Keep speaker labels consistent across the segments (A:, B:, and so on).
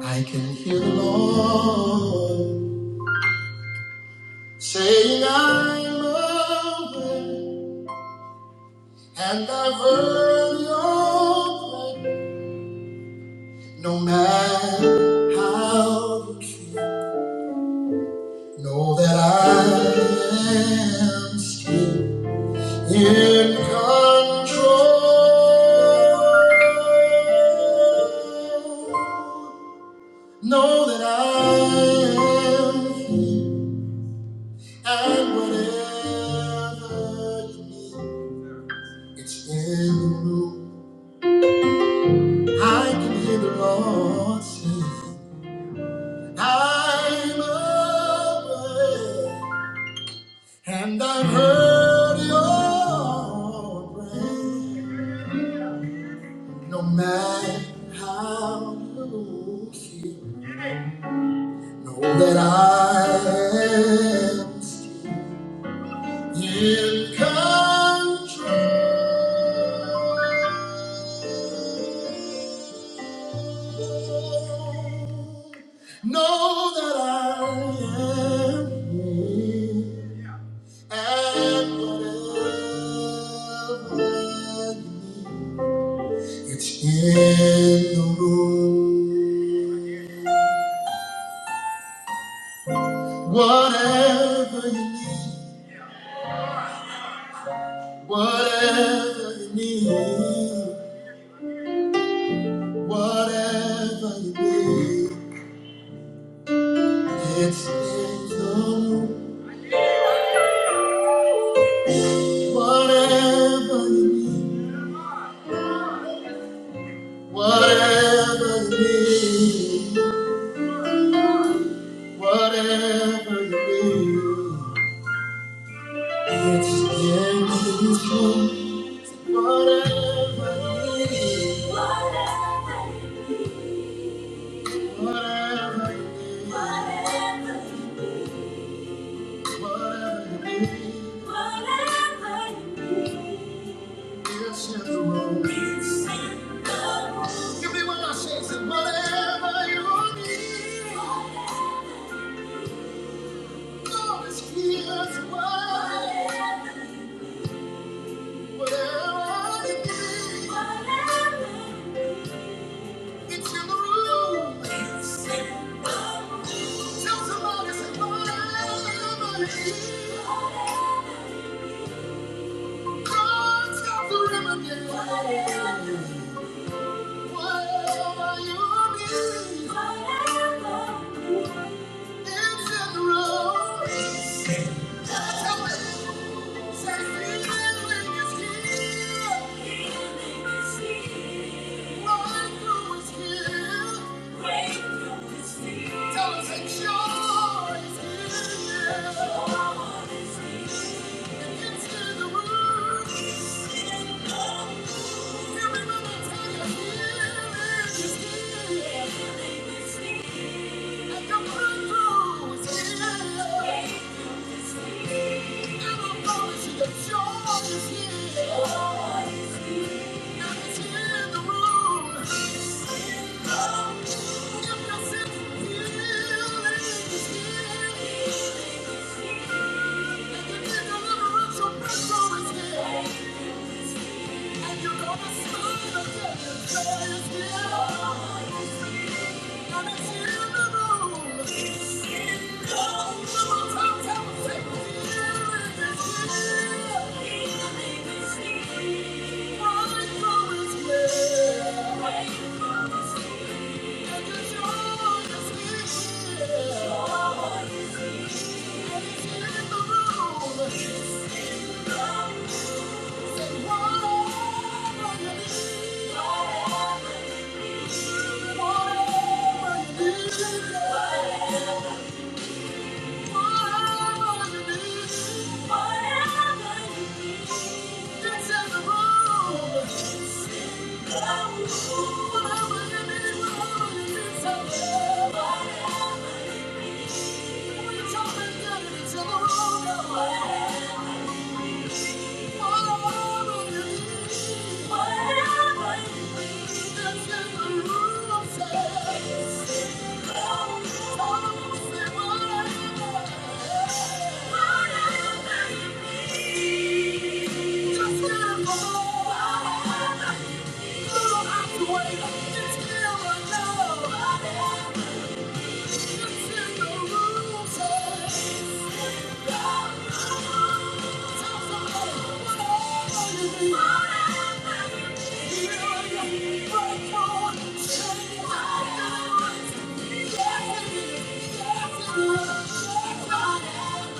A: I can hear the Lord saying, I'm aware, and I've heard your prayer. No matter how you feel, know that I am still in control. Know that I am here. And whatever you need, it's in the room. I can hear the Lord sing. I'm aware, and I've heard your prayer. No matter how you feel, know that I am in control. Know that I am here and whatever you need, it's in the room. Whatever you need, whatever you need, whatever you need, it's in the room. Whatever you need. Whatever you need, whatever you need, it's in this room. Whatever you need, whatever you need, whatever you need, it's in the room. Give me one more chance. Whatever you need, Whatever. you need, It's in the room. Joy is here. Yeah. Whatever you need, whatever you need, whatever you need, whatever you need. It's still a love. It's in the rules. Whatever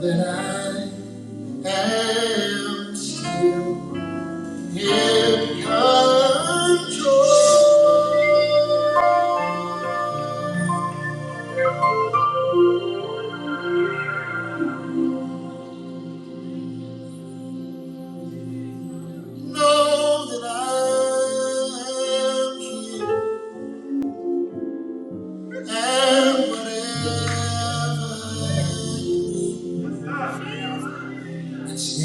A: That I am in control. Know that I am here and whatever you need is in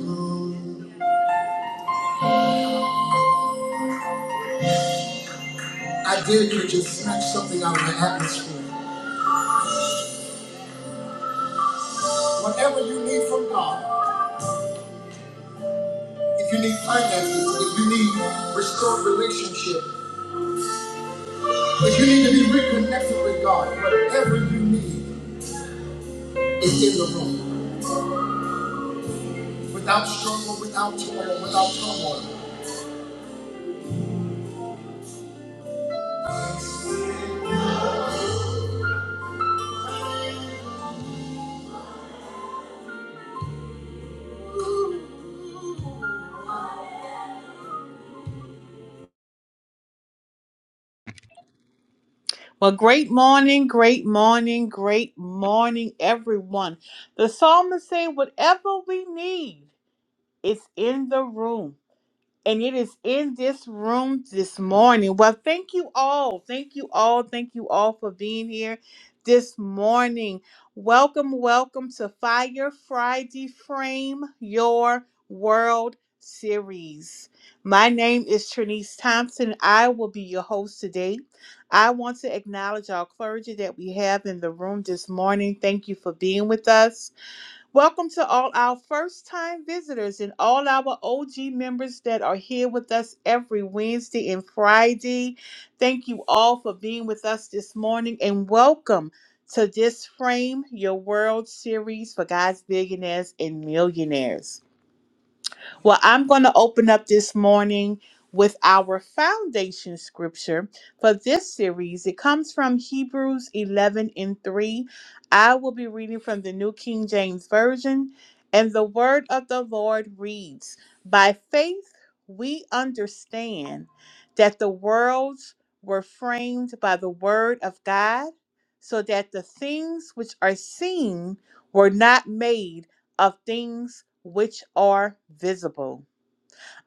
A: the room. I did could just snatch something out of the atmosphere. Whatever you need from God. if you need finances, if you need restored relationship, if you need to be reconnected with God, whatever you need is in the room. Without struggle, without toil, without turmoil. Well, great morning, great morning, great morning, everyone. The psalmist said, whatever we need is in the room. and it is in this room this morning. Well, thank you all. Thank you all. Thank you all for being here this morning. Welcome, welcome to Fire Friday Frame Your World series. My name is Trinice Thompson. I will be your host today. I want to acknowledge our clergy that we have in the room this morning. Thank you for being with us. Welcome to all our first time visitors and all our OG members that are here with us every Wednesday and Friday. Thank you all for being with us this morning and welcome to this Frame Your World series for guys, billionaires, and millionaires. Well, I'm going to open up this morning with our foundation scripture for this series. It comes from Hebrews 11 and 3. I will be reading from the New King James Version, and the word of the Lord reads By faith, we understand that the worlds were framed by the word of God, so that the things which are seen were not made of things which are visible.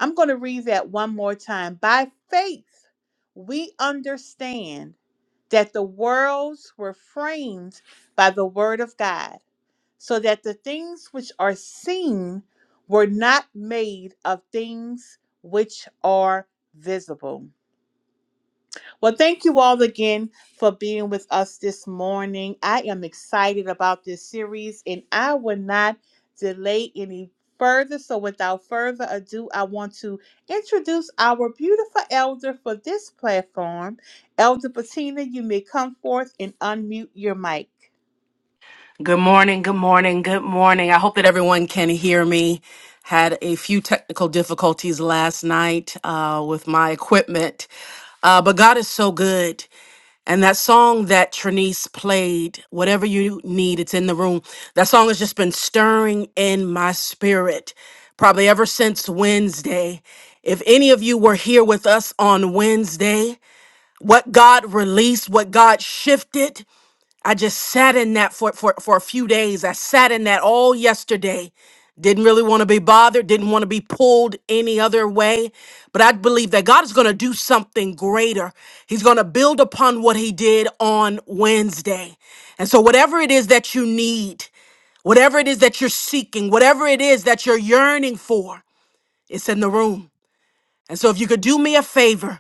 A: I'm going to read that one more time. By faith, we understand that the worlds were framed by the word of God, so that the things which are seen were not made of things which are visible. Well, thank you all again for being with us this morning. I am excited about this series and I will not delay any further. So, without further ado, I want to introduce our beautiful elder for this platform. Elder Patina, you may come forth and unmute your mic.
B: Good morning, good morning, good morning. I hope that everyone can hear me. Had a few technical difficulties last night uh, with my equipment, uh, but God is so good. And that song that Trinice played, whatever you need, it's in the room. That song has just been stirring in my spirit probably ever since Wednesday. If any of you were here with us on Wednesday, what God released, what God shifted, I just sat in that for, for, for a few days. I sat in that all yesterday. Didn't really want to be bothered, didn't want to be pulled any other way. But I believe that God is going to do something greater. He's going to build upon what He did on Wednesday. And so, whatever it is that you need, whatever it is that you're seeking, whatever it is that you're yearning for, it's in the room. And so, if you could do me a favor,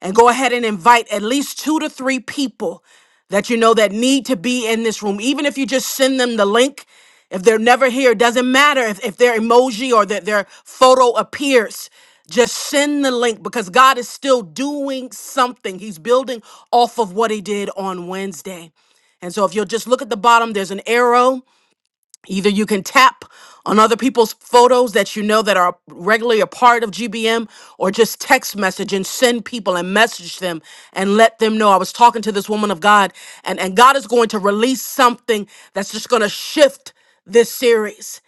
B: and go ahead and invite at least two to three people that you know that need to be in this room. Even if you just send them the link, if they're never here, it doesn't matter if, if their emoji or that their photo appears. Just send the link because God is still doing something. He's building off of what He did on Wednesday. And so if you'll just look at the bottom, there's an arrow Either you can tap on other people's photos that you know that are regularly a part of GBM, or just text message and send people and message them and let them know. I was talking to this woman of God, and, and God is going to release something that's just going to shift this series.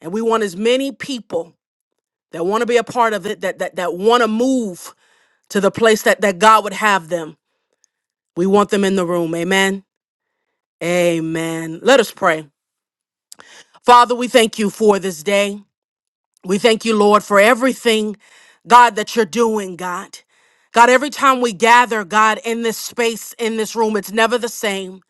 B: And we want as many people that want to be a part of it, that that, that want to move to the place that, that God would have them. We want them in the room. Amen. Amen. Let us pray. Father, we thank you for this day. We thank you, Lord, for everything, God, that you're doing, God. God, every time we gather, God, in this space, in this room, it's never the same.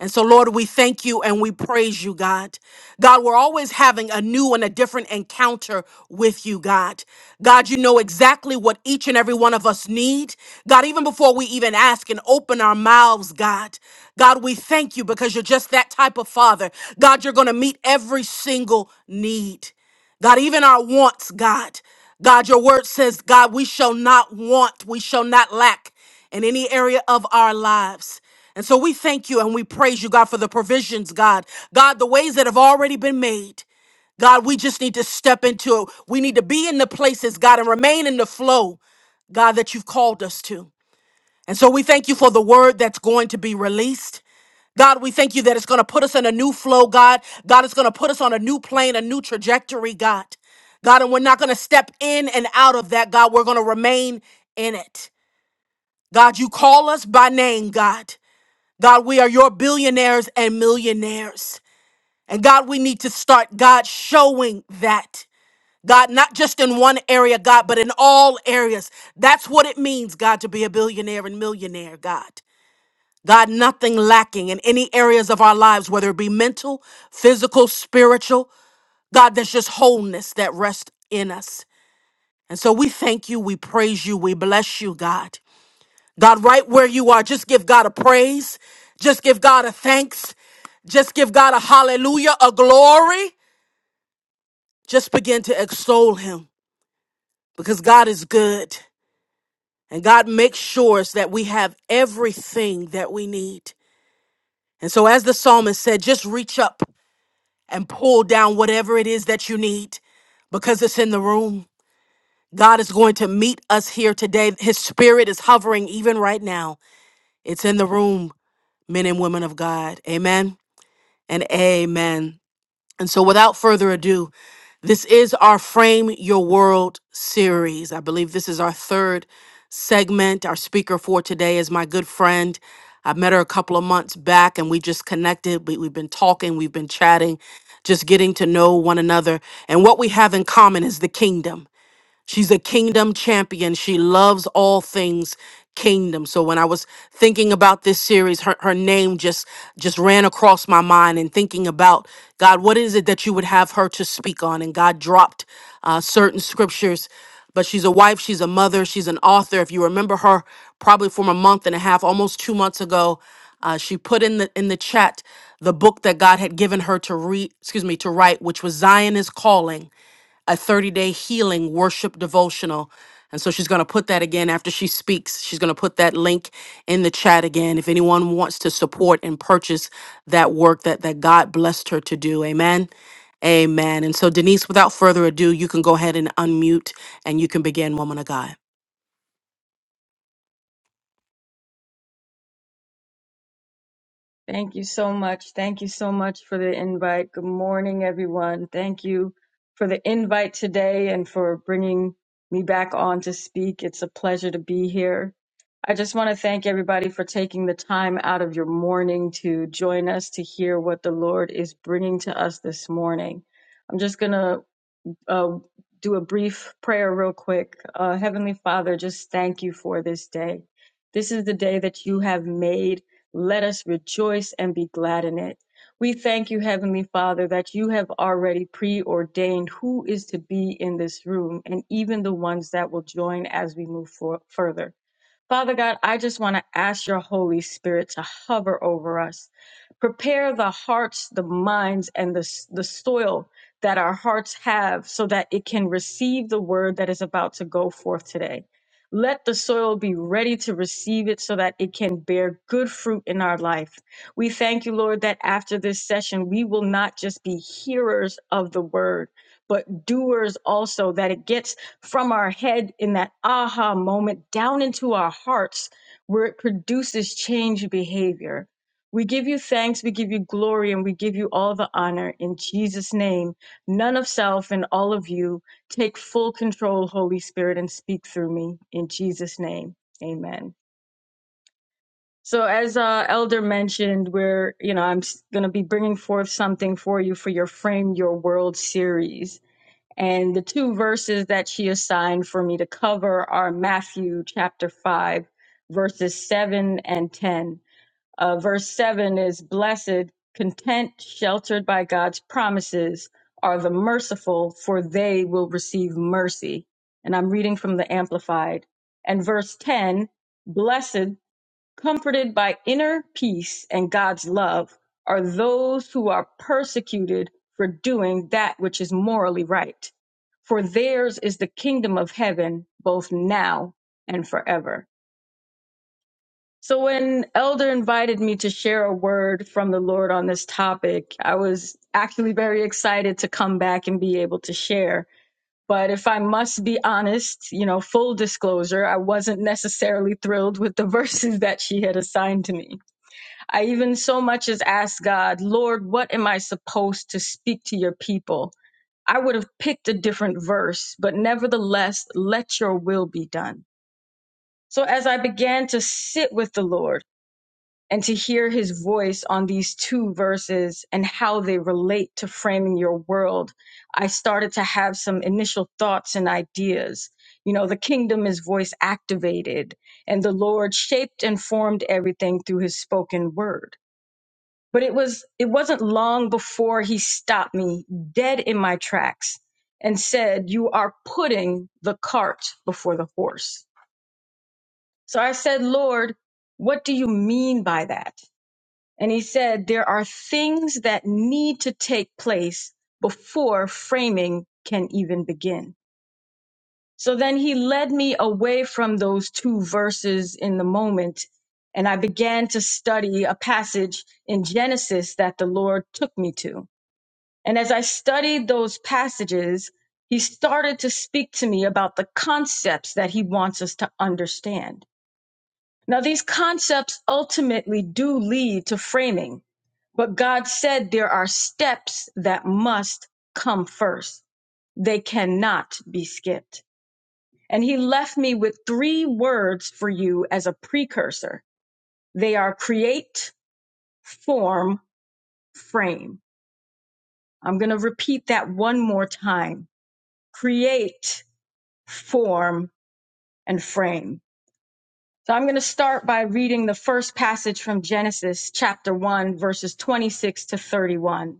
B: And so, Lord, we thank you and we praise you, God. God, we're always having a new and a different encounter with you, God. God, you know exactly what each and every one of us need. God, even before we even ask and open our mouths, God. God, we thank you because you're just that type of father. God, you're going to meet every single need. God, even our wants, God. God, your word says, God, we shall not want, we shall not lack in any area of our lives. And so we thank you and we praise you, God, for the provisions, God. God, the ways that have already been made. God, we just need to step into it. We need to be in the places, God, and remain in the flow, God, that you've called us to. And so we thank you for the word that's going to be released. God, we thank you that it's going to put us in a new flow, God. God, it's going to put us on a new plane, a new trajectory, God. God, and we're not going to step in and out of that, God. We're going to remain in it. God, you call us by name, God. God, we are your billionaires and millionaires. And God, we need to start, God, showing that. God, not just in one area, God, but in all areas. That's what it means, God, to be a billionaire and millionaire, God. God, nothing lacking in any areas of our lives, whether it be mental, physical, spiritual. God, there's just wholeness that rests in us. And so we thank you, we praise you, we bless you, God. God, right where you are, just give God a praise. Just give God a thanks. Just give God a hallelujah, a glory. Just begin to extol him because God is good and God makes sure that we have everything that we need. And so, as the psalmist said, just reach up and pull down whatever it is that you need because it's in the room. God is going to meet us here today. His spirit is hovering even right now. It's in the room, men and women of God. Amen. and amen. And so, without further ado, this is our Frame Your World series. I believe this is our third segment. Our speaker for today is my good friend. I met her a couple of months back and we just connected. We, we've been talking, we've been chatting, just getting to know one another. And what we have in common is the kingdom. She's a kingdom champion. She loves all things kingdom. So when I was thinking about this series, her, her name just just ran across my mind and thinking about God, what is it that you would have her to speak on? And God dropped uh, certain scriptures. But she's a wife, she's a mother, she's an author. If you remember her, probably from a month and a half, almost two months ago, uh, she put in the in the chat the book that God had given her to read. Excuse me, to write, which was Zion is calling a 30 day healing worship devotional. And so she's going to put that again after she speaks. She's going to put that link in the chat again if anyone wants to support and purchase that work that, that God blessed her to do. Amen. Amen. And so, Denise, without further ado, you can go ahead and unmute and you can begin, woman of God.
C: Thank you so much. Thank you so much for the invite. Good morning, everyone. Thank you for the invite today and for bringing me back on to speak. It's a pleasure to be here. I just want to thank everybody for taking the time out of your morning to join us to hear what the Lord is bringing to us this morning. I'm just going to uh, do a brief prayer real quick. Uh, Heavenly Father, just thank you for this day. This is the day that you have made. Let us rejoice and be glad in it. We thank you, Heavenly Father, that you have already preordained who is to be in this room and even the ones that will join as we move for- further. Father God, I just want to ask your Holy Spirit to hover over us. Prepare the hearts, the minds, and the, the soil that our hearts have so that it can receive the word that is about to go forth today. Let the soil be ready to receive it so that it can bear good fruit in our life. We thank you, Lord, that after this session, we will not just be hearers of the word, but doers also, that it gets from our head in that aha moment down into our hearts where it produces change behavior. We give you thanks, we give you glory, and we give you all the honor in Jesus' name. None of self and all of you take full control, Holy Spirit, and speak through me in Jesus' name. Amen. So, as uh, Elder mentioned, we're, you know, I'm going to be bringing forth something for you for your Frame Your World series and the two verses that she assigned for me to cover are Matthew chapter 5, verses 7 and 10. Uh, verse 7 is Blessed, content, sheltered by God's promises are the merciful, for they will receive mercy. And I'm reading from the Amplified. And verse 10 Blessed comforted by inner peace and God's love are those who are persecuted for doing that which is morally right. For theirs is the kingdom of heaven, both now and forever. So, when Elder invited me to share a word from the Lord on this topic, I was actually very excited to come back and be able to share. But if I must be honest, you know, full disclosure, I wasn't necessarily thrilled with the verses that she had assigned to me I even so much as asked God, Lord, what am I supposed to speak to your people? I would have picked a different verse, but nevertheless, let your will be done. So as I began to sit with the Lord and to hear his voice on these two verses and how they relate to framing your world, I started to have some initial thoughts and ideas. You know, the kingdom is voice activated, and the Lord shaped and formed everything through his spoken word but it was it wasn't long before he stopped me dead in my tracks and said you are putting the cart before the horse so i said lord what do you mean by that and he said there are things that need to take place before framing can even begin so then he led me away from those two verses in the moment and i began to study a passage in genesis that the lord took me to And as I studied those passages, he started to speak to me about the concepts that he wants us to understand. Now, these concepts ultimately do lead to framing, but God said there are steps that must come first. They cannot be skipped. And he left me with three words for you as a precursor. They are create, form, frame. I'm going to repeat that one more time. Create form, and frame. So I'm going to start by reading the first passage from Genesis chapter 1, verses 26 to 31.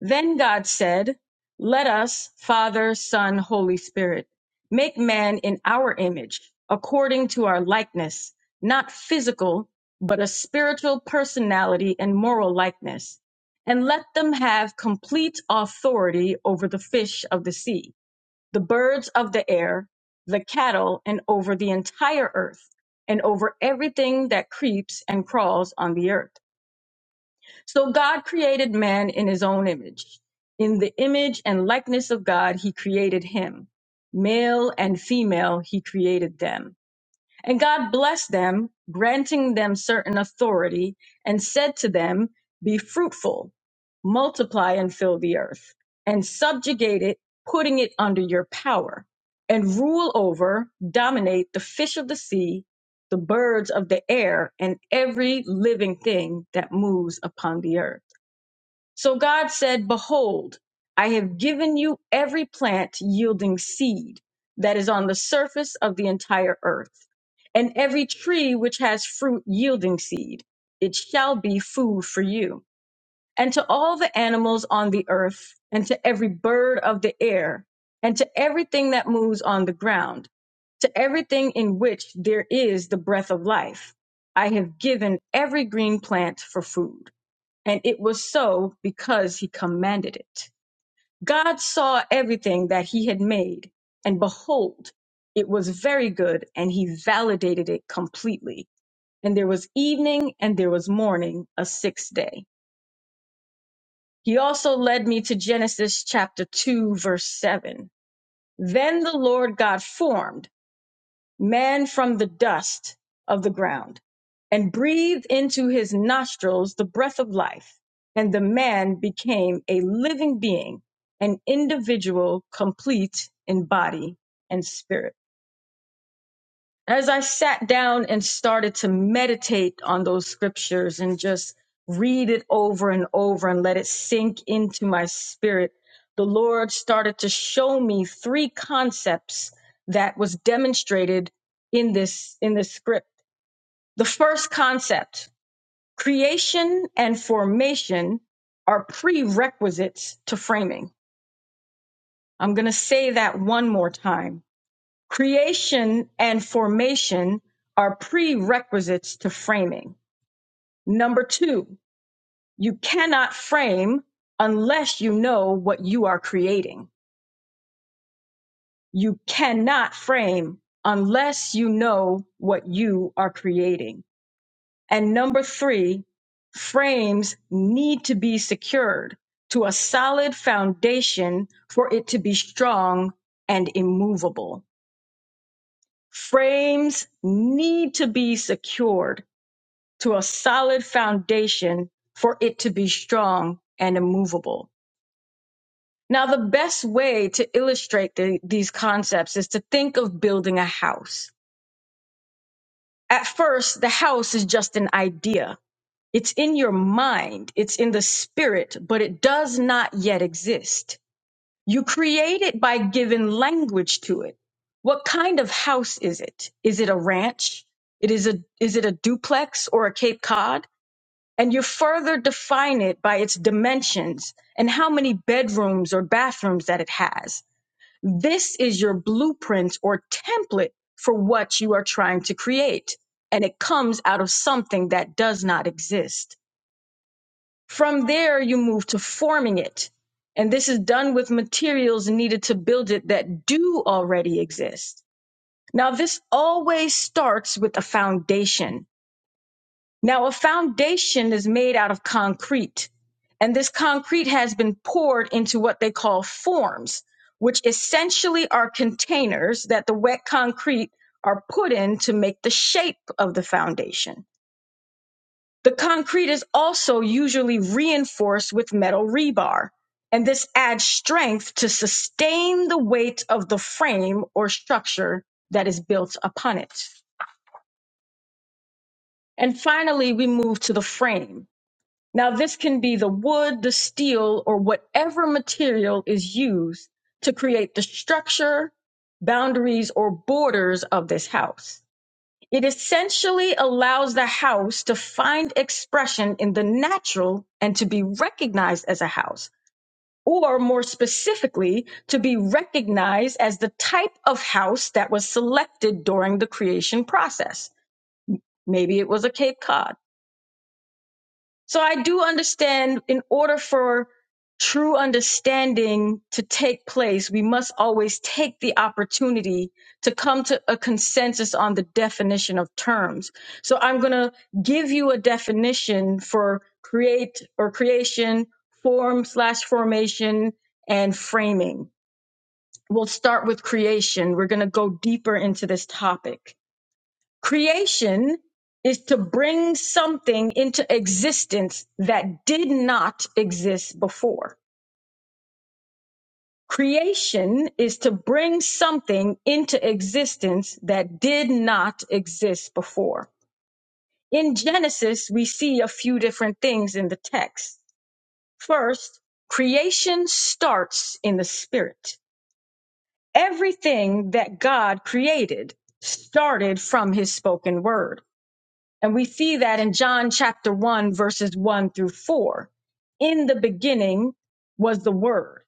C: Then God said, Let us, Father, Son, Holy Spirit, make man in our image, according to our likeness, not physical, but a spiritual personality and moral likeness. And let them have complete authority over the fish of the sea the birds of the air, the cattle, and over the entire earth, and over everything that creeps and crawls on the earth. So God created man in his own image. In the image and likeness of God, he created him. Male and female, he created them. And God blessed them, granting them certain authority, and said to them, Be fruitful, multiply and fill the earth, and subjugate it, putting it under your power, and rule over, dominate the fish of the sea, the birds of the air, and every living thing that moves upon the earth. So God said, Behold, I have given you every plant yielding seed that is on the surface of the entire earth, and every tree which has fruit yielding seed. It shall be food for you. And to all the animals on the earth, and to every bird of the air, and to everything that moves on the ground, to everything in which there is the breath of life, I have given every green plant for food. And it was so because he commanded it. God saw everything that he had made, and behold, it was very good, and he validated it completely. And there was evening and there was morning, a sixth day. He also led me to Genesis chapter 2, verse 7. Then the Lord God formed. man from the dust of the ground and breathed into his nostrils the breath of life. And the man became a living being, an individual complete in body and spirit as I sat down and started to meditate on those scriptures and just read it over and over and let it sink into my spirit, the Lord started to show me three concepts that was demonstrated in this in this script. The first concept, creation and formation are prerequisites to framing. I'm going to say that one more time Creation and formation are prerequisites to framing. Number two, you cannot frame unless you know what you are creating. You cannot frame unless you know what you are creating. And number three, frames need to be secured to a solid foundation for it to be strong and immovable. Frames need to be secured to a solid foundation for it to be strong and immovable. Now, the best way to illustrate the, these concepts is to think of building a house. At first, the house is just an idea. It's in your mind, it's in the spirit, but it does not yet exist. You create it by giving language to it. What kind of house is it? Is it a ranch? It is a is it a duplex or a Cape Cod? and you further define it by its dimensions and how many bedrooms or bathrooms that it has. This is your blueprint or template for what you are trying to create. And it comes out of something that does not exist. From there, you move to forming it. And this is done with materials needed to build it that do already exist. Now, this always starts with a foundation now, a foundation is made out of concrete, and this concrete has been poured into what they call forms, which essentially are containers that the wet concrete are put in to make the shape of the foundation. The concrete is also usually reinforced with metal rebar, and this adds strength to sustain the weight of the frame or structure that is built upon it. And finally, we move to the frame. Now, this can be the wood, the steel, or whatever material is used to create the structure, boundaries, or borders of this house. It essentially allows the house to find expression in the natural and to be recognized as a house, or more specifically, to be recognized as the type of house that was selected during the creation process. Maybe it was a Cape Cod So I do understand in order for true understanding to take place, we must always take the opportunity to come to a consensus on the definition of terms. So I'm going to give you a definition for create or creation, form slash formation, and framing. We'll start with creation. We're going to go deeper into this topic. Creation is to bring something into existence that did not exist before. Creation is to bring something into existence that did not exist before. In Genesis, we see a few different things in the text. First, creation starts in the spirit. Everything that God created started from his spoken word. And we see that in John chapter 1, verses 1 through 4. In the beginning was the Word.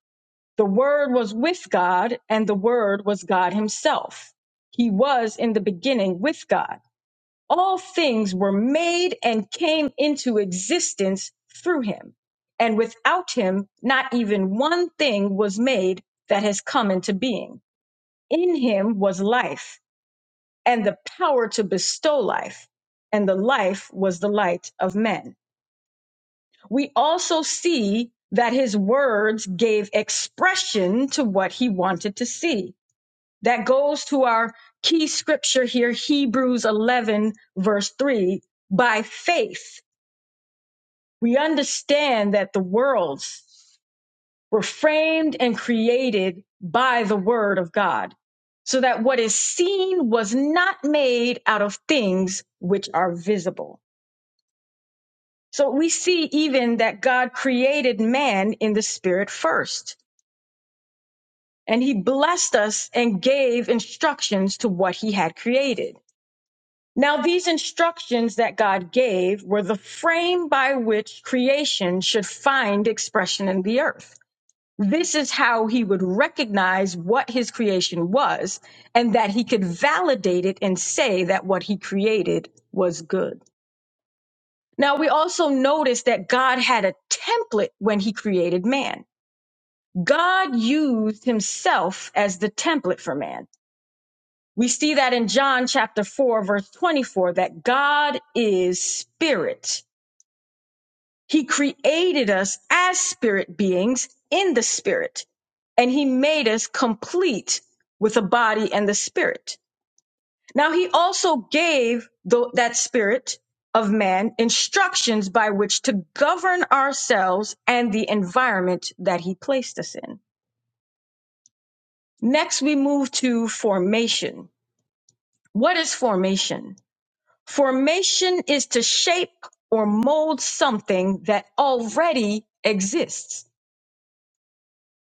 C: The Word was with God, and the Word was God Himself. He was in the beginning with God. All things were made and came into existence through Him. And without Him, not even one thing was made that has come into being. In Him was life and the power to bestow life. And the life was the light of men. We also see that his words gave expression to what he wanted to see. That goes to our key scripture here, Hebrews 11, verse 3. By faith, we understand that the worlds were framed and created by the word of God, so that what is seen was not made out of things which are visible. So we see even that God created man in the spirit first, and he blessed us and gave instructions to what he had created. Now, these instructions that God gave were the frame by which creation should find expression in the earth. This is how he would recognize what his creation was and that he could validate it and say that what he created was good. Now we also notice that God had a template when he created man. God used himself as the template for man. We see that in John chapter 4 verse 24 that God is spirit. He created us as spirit beings in the spirit and he made us complete with the body and the spirit. Now he also gave tho- that spirit of man instructions by which to govern ourselves and the environment that he placed us in. Next, we move to formation. What is formation? Formation is to shape or mold something that already exists.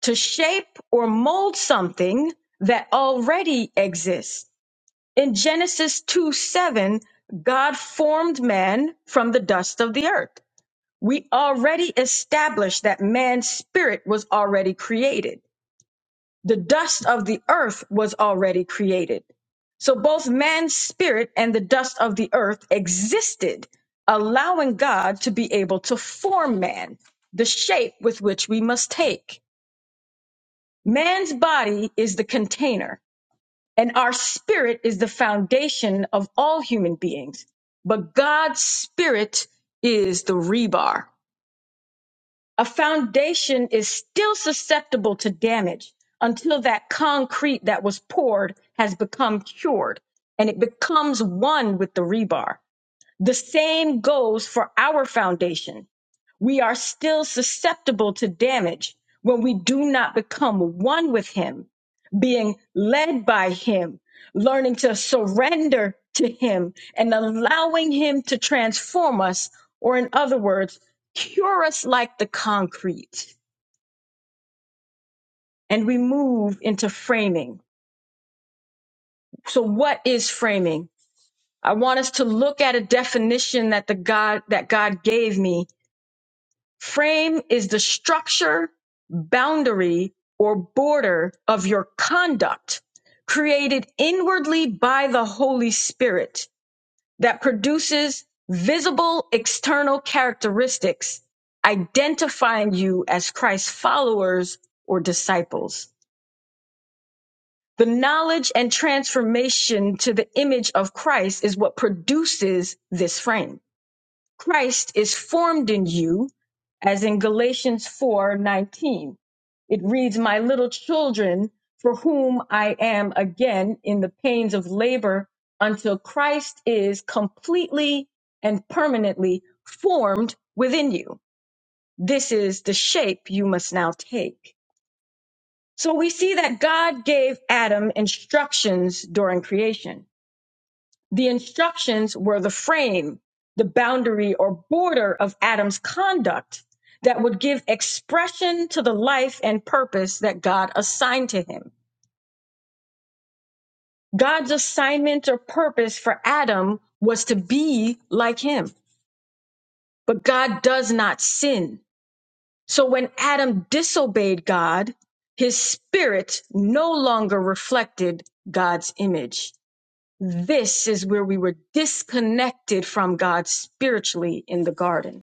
C: To shape or mold something that already exists. In Genesis 2 7, God formed man from the dust of the earth. We already established that man's spirit was already created. The dust of the earth was already created. So both man's spirit and the dust of the earth existed, allowing God to be able to form man, the shape with which we must take. Man's body is the container. And our spirit is the foundation of all human beings. But God's spirit is the rebar. A foundation is still susceptible to damage until that concrete that was poured has become cured and it becomes one with the rebar. The same goes for our foundation we are still susceptible to damage when we do not become one with Him, being led by Him, learning to surrender to Him, and allowing Him to transform us, or in other words, cure us like the concrete. And we move into framing. So, what is framing? I want us to look at a definition that the God that God gave me Frame is the structure, boundary, or border of your conduct created inwardly by the Holy Spirit that produces visible external characteristics identifying you as Christ's followers or disciples. The knowledge and transformation to the image of Christ is what produces this frame. Christ is formed in you, as in Galatians 4:19. It reads, My little children, for whom I am again in the pains of labor until Christ is completely and permanently formed within you. This is the shape you must now take. So we see that God gave Adam instructions during creation. The instructions were the frame, the boundary or border of Adam's conduct that would give expression to the life and purpose that God assigned to him. God's assignment or purpose for Adam was to be like him, but God does not sin. So when Adam disobeyed God, his spirit no longer reflected God's image. This is where we were disconnected from God spiritually in the garden.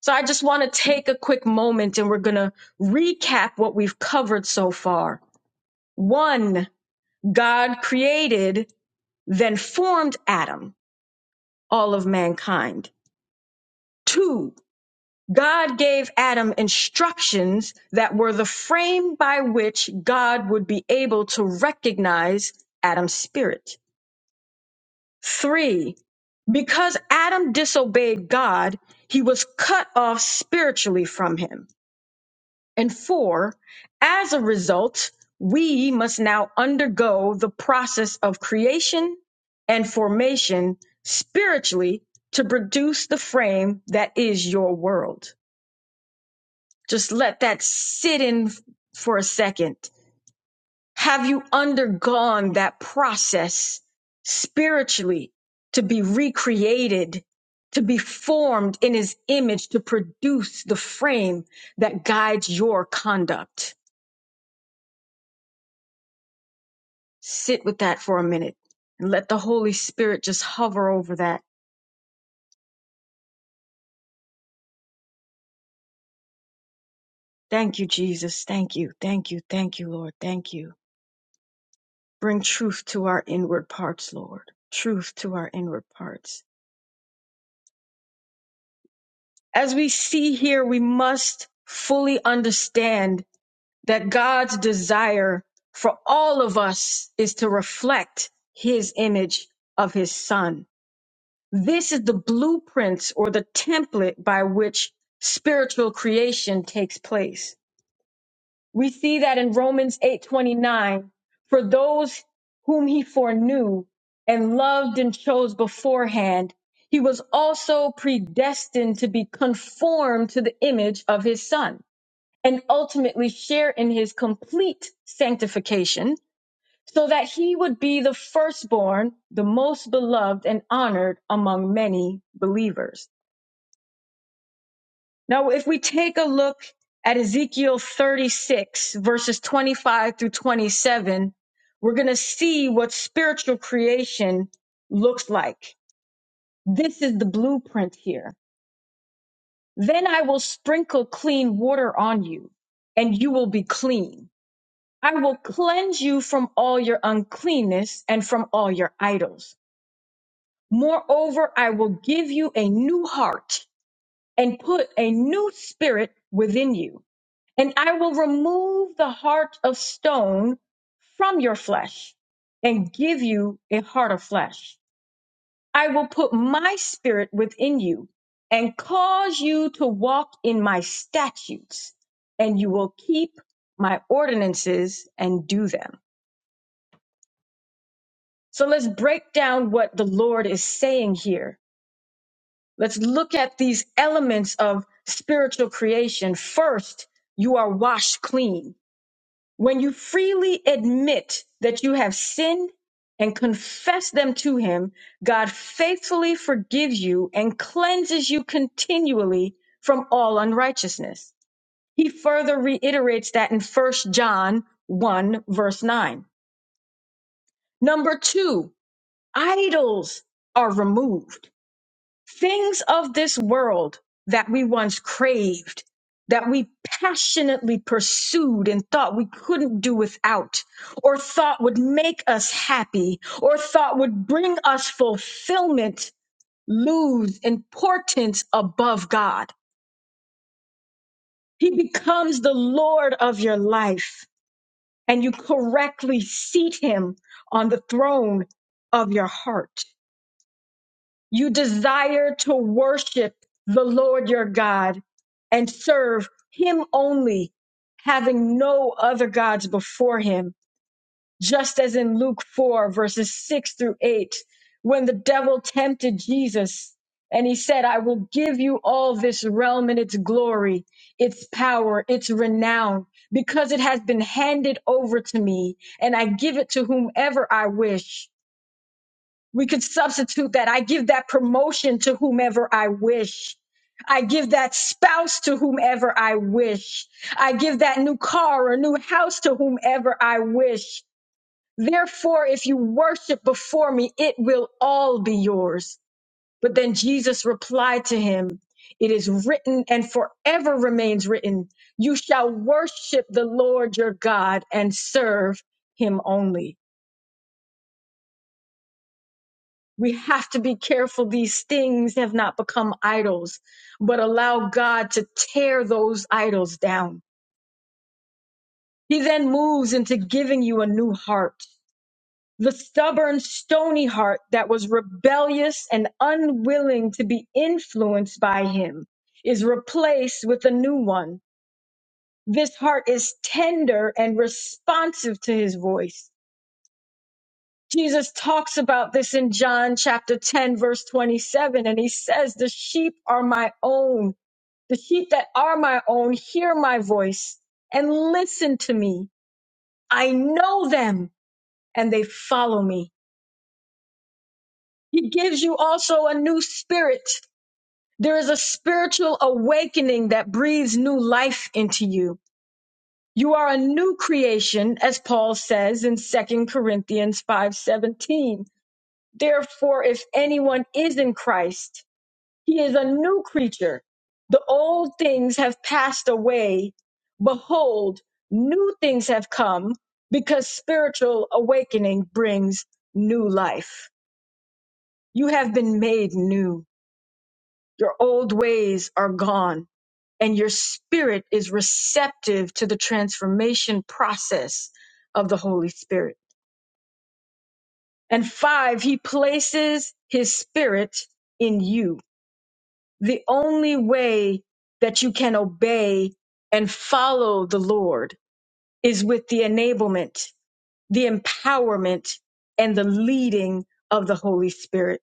C: So I just want to take a quick moment and we're going to recap what we've covered so far. One, God created, then formed Adam, all of mankind. Two, God gave Adam instructions that were the frame by which God would be able to recognize Adam's spirit. Three, because Adam disobeyed God, he was cut off spiritually from him. And four, as a result, we must now undergo the process of creation and formation spiritually to produce the frame that is your world. Just let that sit in for a second. Have you undergone that process spiritually to be recreated, to be formed in his image, to produce the frame that guides your conduct? Sit with that for a minute and let the Holy Spirit just hover over that. Thank you, Jesus. Thank you. Thank you. Thank you, Lord. Thank you. Bring truth to our inward parts, Lord. Truth to our inward parts. As we see here, we must fully understand that God's desire for all of us is to reflect his image of his son. This is the blueprints or the template by which spiritual creation takes place. We see that in Romans 8:29, for those whom he foreknew and loved and chose beforehand, he was also predestined to be conformed to the image of his son and ultimately share in his complete sanctification, so that he would be the firstborn, the most beloved and honored among many believers. Now, if we take a look at Ezekiel 36, verses 25 through 27, we're going to see what spiritual creation looks like. This is the blueprint here. Then I will sprinkle clean water on you, and you will be clean. I will cleanse you from all your uncleanness and from all your idols. Moreover, I will give you a new heart and put a new spirit within you. And I will remove the heart of stone from your flesh and give you a heart of flesh. I will put my spirit within you and cause you to walk in my statutes, and you will keep my ordinances and do them. So let's break down what the Lord is saying here. Let's look at these elements of spiritual creation. First, you are washed clean. When you freely admit that you have sinned and confess them to Him, God faithfully forgives you and cleanses you continually from all unrighteousness. He further reiterates that in First John 1, verse 9. Number two, idols are removed. things of this world that we once craved, that we passionately pursued and thought we couldn't do without, or thought would make us happy, or thought would bring us fulfillment, lose importance above God. He becomes the Lord of your life, and you correctly seat him on the throne of your heart. You desire to worship the Lord your God and serve him only, having no other gods before him. Just as in Luke 4, verses 6 through 8, when the devil tempted Jesus and he said, I will give you all this realm and its glory, its power, its renown, because it has been handed over to me, and I give it to whomever I wish we could substitute that. I give that promotion to whomever I wish. I give that spouse to whomever I wish. I give that new car or new house to whomever I wish. Therefore, if you worship before me, it will all be yours. But then Jesus replied to him, It is written and forever remains written, You shall worship the Lord your God and serve him only. We have to be careful these things have not become idols, but allow God to tear those idols down. He then moves into giving you a new heart. The stubborn, stony heart that was rebellious and unwilling to be influenced by him is replaced with a new one. This heart is tender and responsive to his voice. Jesus talks about this in John chapter 10, verse 27, and he says, The sheep are my own. The sheep that are my own hear my voice and listen to me. I know them and they follow me. He gives you also a new spirit. There is a spiritual awakening that breathes new life into you. You are a new creation, as Paul says in Second Corinthians 5:17. Therefore, if anyone is in Christ, He is a new creature. The old things have passed away. Behold, new things have come because spiritual awakening brings new life. You have been made new. Your old ways are gone and your spirit is receptive to the transformation process of the Holy Spirit. And five, he places his spirit in you the only way that you can obey and follow the Lord is with the enablement, the empowerment, and the leading of the Holy Spirit.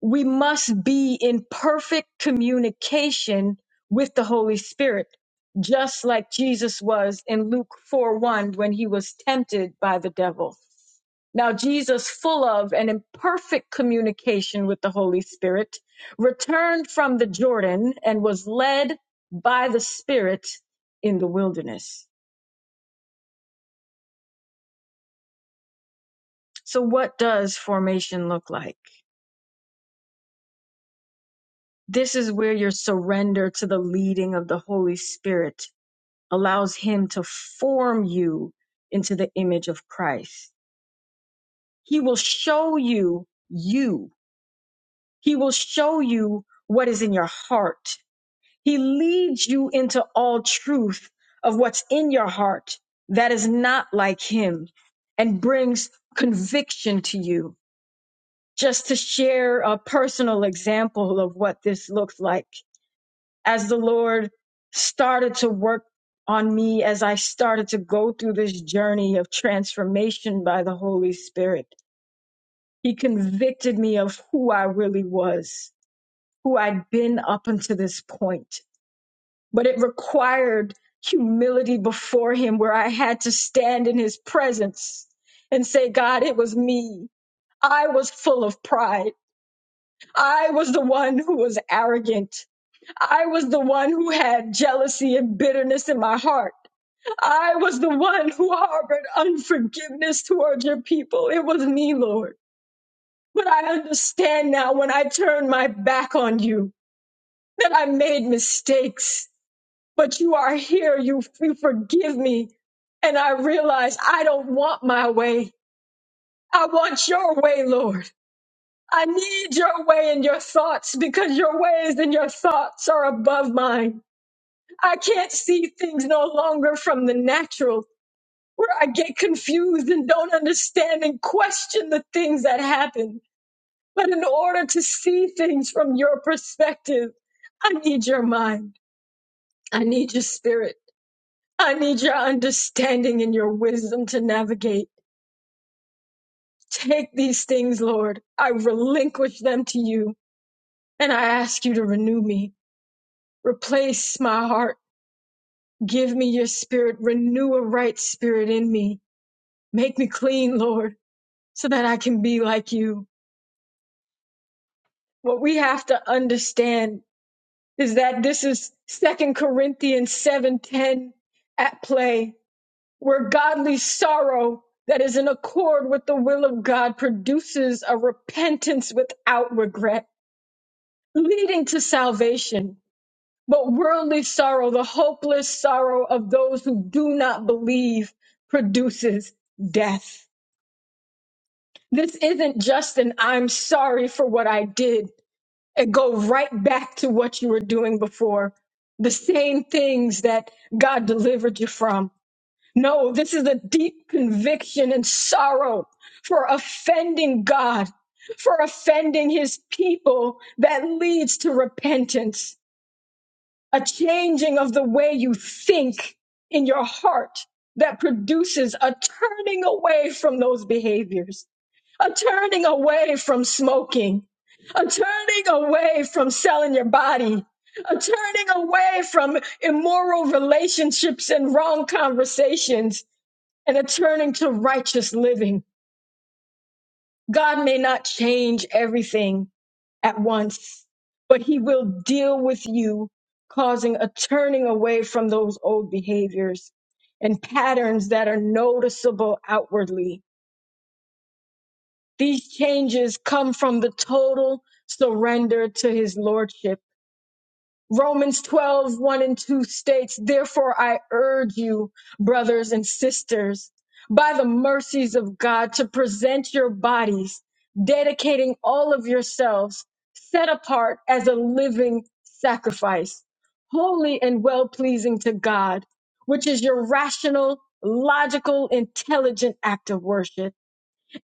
C: We must be in perfect communication with the Holy Spirit, just like Jesus was in Luke 4 1 when he was tempted by the devil. Now, Jesus, full of and in perfect communication with the Holy Spirit, returned from the Jordan and was led by the Spirit in the wilderness. So, what does formation look like? This is where your surrender to the leading of the Holy Spirit allows Him to form you into the image of Christ. He will show you you, He will show you what is in your heart He leads you into all truth of what's in your heart that is not like him and brings conviction to you. Just to share a personal example of what this looks like, as the Lord started to work on me, as I started to go through this journey of transformation by the Holy Spirit, He convicted me of who I really was, who I'd been up until this point but it required humility before him where I had to stand in his presence and say, God, it was me. I was full of pride. I was the one who was arrogant. I was the one who had jealousy and bitterness in my heart. I was the one who harbored unforgiveness towards your people. It was me, Lord. But I understand now when I turned my back on you that I made mistakes but you are here. You, you forgive me. And I realize I don't want my way. I want your way, Lord. I need your way and your thoughts because your ways and your thoughts are above mine. I can't see things no longer from the natural where I get confused and don't understand and question the things that happen. But in order to see things from your perspective, I need your mind. I need your spirit. I need your understanding and your wisdom to navigate. Take these things, Lord. I relinquish them to you, and I ask you to renew me. Replace my heart. Give me your spirit. Renew a right spirit in me. Make me clean, Lord, so that I can be like you. What we have to understand is that this is Second Corinthians 7:10 at play. where godly sorrow that is in accord with the will of God produces a repentance without regret, leading to salvation. But worldly sorrow, the hopeless sorrow of those who do not believe, produces death. This isn't just an I'm sorry for what I did and go right back to what you were doing before. The same things that God delivered you from No, this is a deep conviction and sorrow for offending God, for offending his people that leads to repentance, a changing of the way you think in your heart that produces a turning away from those behaviors, a turning away from smoking, a turning away from selling your body, a turning away from immoral relationships and wrong conversations and a turning to righteous living. God may not change everything at once, but He will deal with you, causing a turning away from those old behaviors and patterns that are noticeable outwardly. These changes come from the total surrender to His Lordship Romans 12, one and 2 states, Therefore I urge you, brothers and sisters, by the mercies of God, to present your bodies, dedicating all of yourselves, set apart as a living sacrifice, holy and well pleasing to God, which is your rational, logical, intelligent act of worship.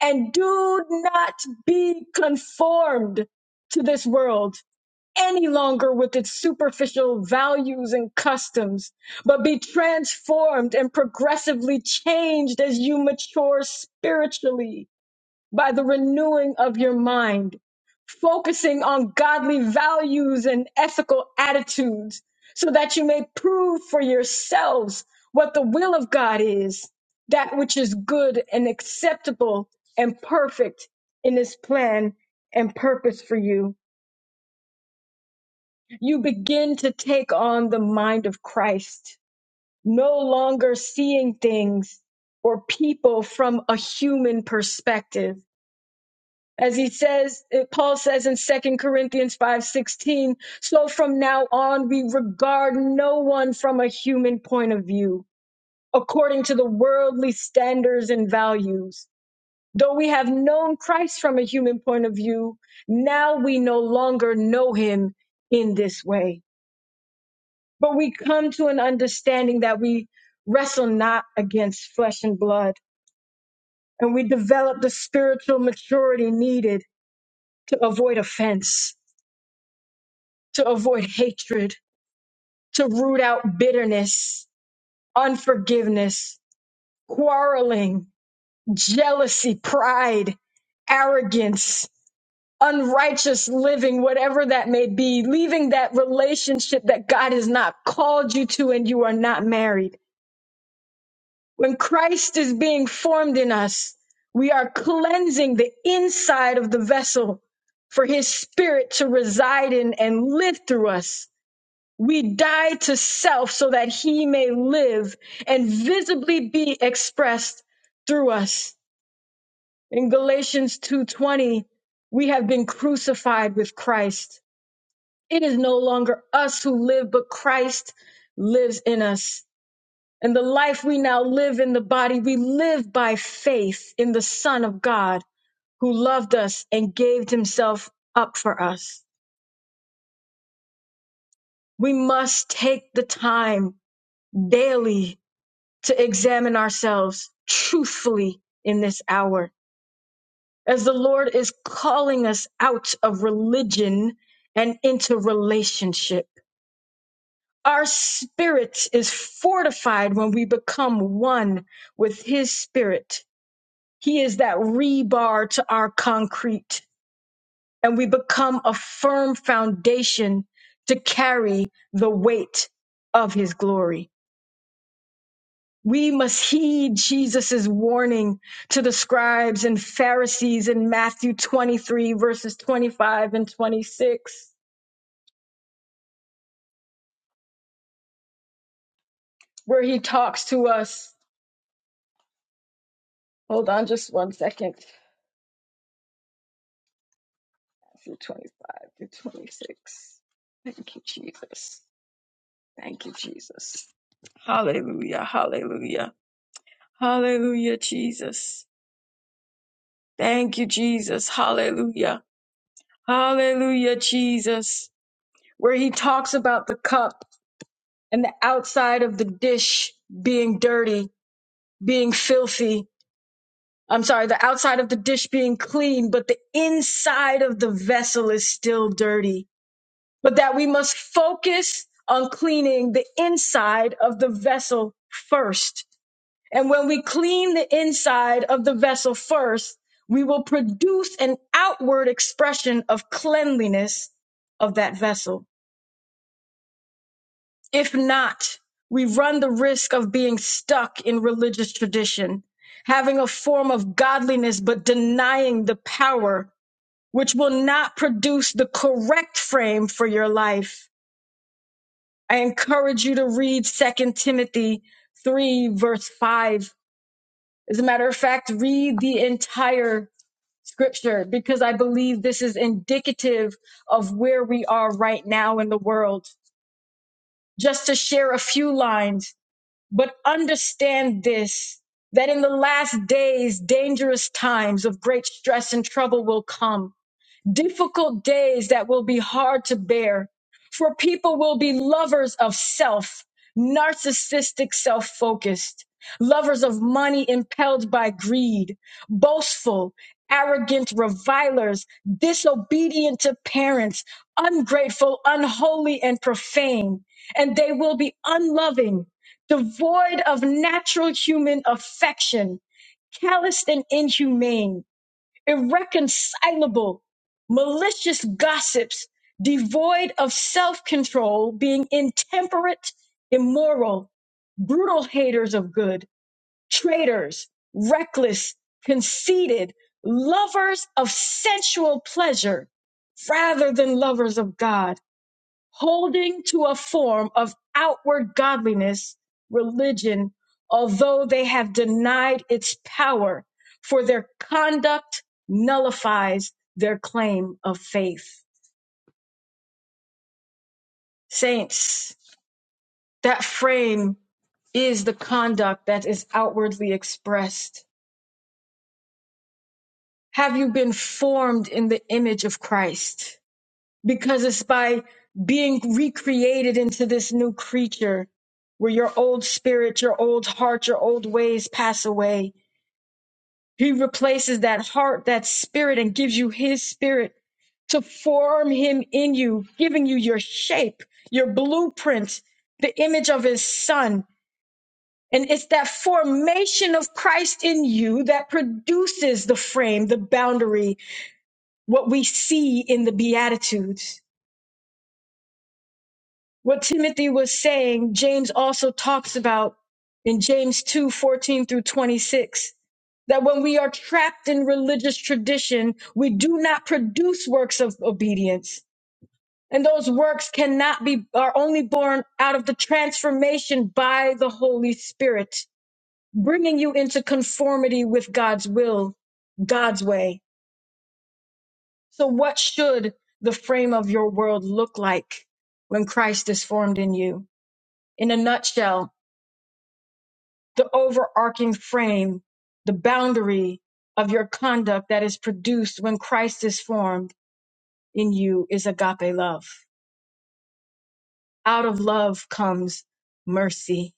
C: And do not be conformed to this world any longer with its superficial values and customs, but be transformed and progressively changed as you mature spiritually by the renewing of your mind, focusing on godly values and ethical attitudes, so that you may prove for yourselves what the will of God is, that which is good and acceptable and perfect in His plan and purpose for you. You begin to take on the mind of Christ, no longer seeing things or people from a human perspective. As he says, eh, Paul says in Second Corinthians 5:16, so from now on we regard no one from a human point of view, according to the worldly standards and values. Though we have known Christ from a human point of view, now we no longer know him in this way. But we come to an understanding that we wrestle not against flesh and blood, and we develop the spiritual maturity needed to avoid offense, to avoid hatred, to root out bitterness, unforgiveness, quarreling, jealousy, pride, arrogance, unrighteous living, whatever that may be, leaving that relationship that God has not called you to and you are not married When Christ is being formed in us, we are cleansing the inside of the vessel for his spirit to reside in and live through us. We die to self so that he may live and visibly be expressed through us. In Galatians 2:20, we have been crucified with Christ. It is no longer us who live, but Christ lives in us. And the life we now live in the body, we live by faith in the Son of God who loved us and gave himself up for us. We must take the time daily to examine ourselves truthfully in this hour as the Lord is calling us out of religion and into relationship. Our spirit is fortified when we become one with his spirit He is that rebar to our concrete, and we become a firm foundation to carry the weight of his glory. We must heed Jesus' warning to the scribes and Pharisees in Matthew 23, verses 25 and 26, where he talks to us. Hold on just one second. Matthew 25 through 26. Thank you, Jesus. Thank you, Jesus. Hallelujah. Hallelujah. Hallelujah, Jesus. Thank you, Jesus. Hallelujah. Hallelujah, Jesus. Where he talks about the cup and the outside of the dish being dirty, being filthy. I'm sorry, the outside of the dish being clean, but the inside of the vessel is still dirty. But that we must focus on cleaning the inside of the vessel first And when we clean the inside of the vessel first, we will produce an outward expression of cleanliness of that vessel. If not, we run the risk of being stuck in religious tradition, having a form of godliness, but denying the power, which will not produce the correct frame for your life. I encourage you to read Second Timothy 3, verse 5. As a matter of fact, read the entire scripture because I believe this is indicative of where we are right now in the world. Just to share a few lines, but understand this that in the last days, dangerous times of great stress and trouble will come difficult days that will be hard to bear, for people will be lovers of self, narcissistic, self focused, lovers of money impelled by greed, boastful, arrogant revilers, disobedient to parents, ungrateful, unholy, and profane. And they will be unloving, devoid of natural human affection, calloused and inhumane irreconcilable, malicious gossips, devoid of self control, being intemperate, immoral, brutal haters of good, traitors, reckless, conceited, lovers of sensual pleasure rather than lovers of God holding to a form of outward godliness, religion, although they have denied its power, for their conduct nullifies their claim of faith. Saints, that frame is the conduct that is outwardly expressed. Have you been formed in the image of Christ? because it's by being recreated into this new creature where your old spirit, your old heart, your old ways pass away. He replaces that heart, that spirit, and gives you his spirit to form him in you, giving you your shape, your blueprint, the image of his son. And it's that formation of Christ in you that produces the frame, the boundary, what we see in the Beatitudes. what Timothy was saying, James also talks about in James 2 14 through 26, that when we are trapped in religious tradition, we do not produce works of obedience. And those works cannot be, are only born out of the transformation by the Holy Spirit, bringing you into conformity with God's will, God's way. So, what should the frame of your world look like when Christ is formed in you? In a nutshell, the overarching frame, the boundary of your conduct that is produced when Christ is formed in you is agape love. Out of love comes mercy.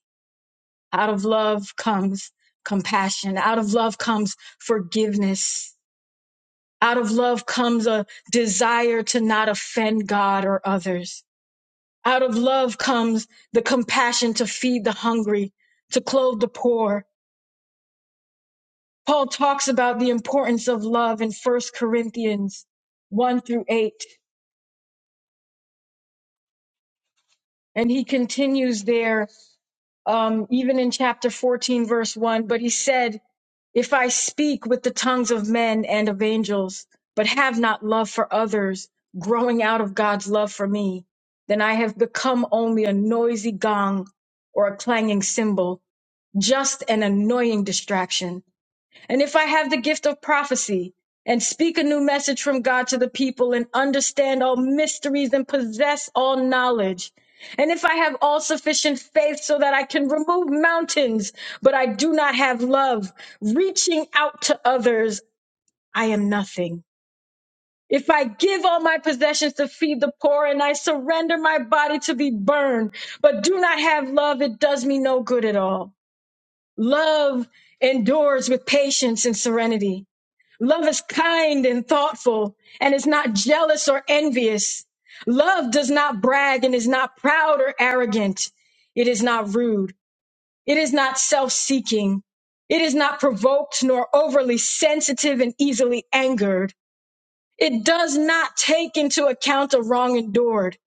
C: Out of love comes compassion. Out of love comes forgiveness. Out of love comes a desire to not offend God or others. Out of love comes the compassion to feed the hungry, to clothe the poor, Paul talks about the importance of love in 1 Corinthians 1 through 8. And he continues there, um, even in chapter 14, verse 1. But he said, If I speak with the tongues of men and of angels, but have not love for others, growing out of God's love for me, then I have become only a noisy gong or a clanging cymbal, just an annoying distraction. And if I have the gift of prophecy and speak a new message from God to the people and understand all mysteries and possess all knowledge, and if I have all sufficient faith so that I can remove mountains, but I do not have love, reaching out to others, I am nothing. If I give all my possessions to feed the poor and I surrender my body to be burned, but do not have love, it does me no good at all. Love endures with patience and serenity. Love is kind and thoughtful and is not jealous or envious. Love does not brag and is not proud or arrogant. It is not rude. It is not self seeking. It is not provoked nor overly sensitive and easily angered. It does not take into account a wrong endured.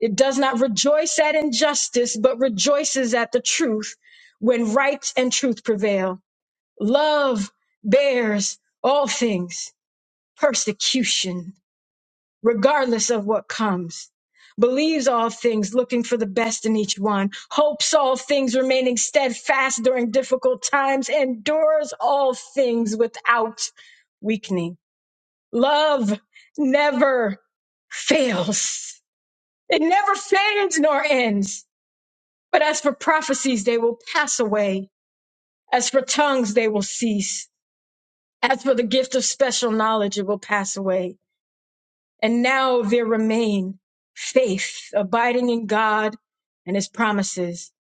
C: It does not rejoice at injustice, but rejoices at the truth when right and truth prevail. Love bears all things persecution, regardless of what comes. Believes all things, looking for the best in each one. Hopes all things, remaining steadfast during difficult times. Endures all things without weakening. Love never fails. It never fades nor ends. But as for prophecies, they will pass away. As for tongues, they will cease. As for the gift of special knowledge, it will pass away. And now there remain faith, abiding in God and his promises,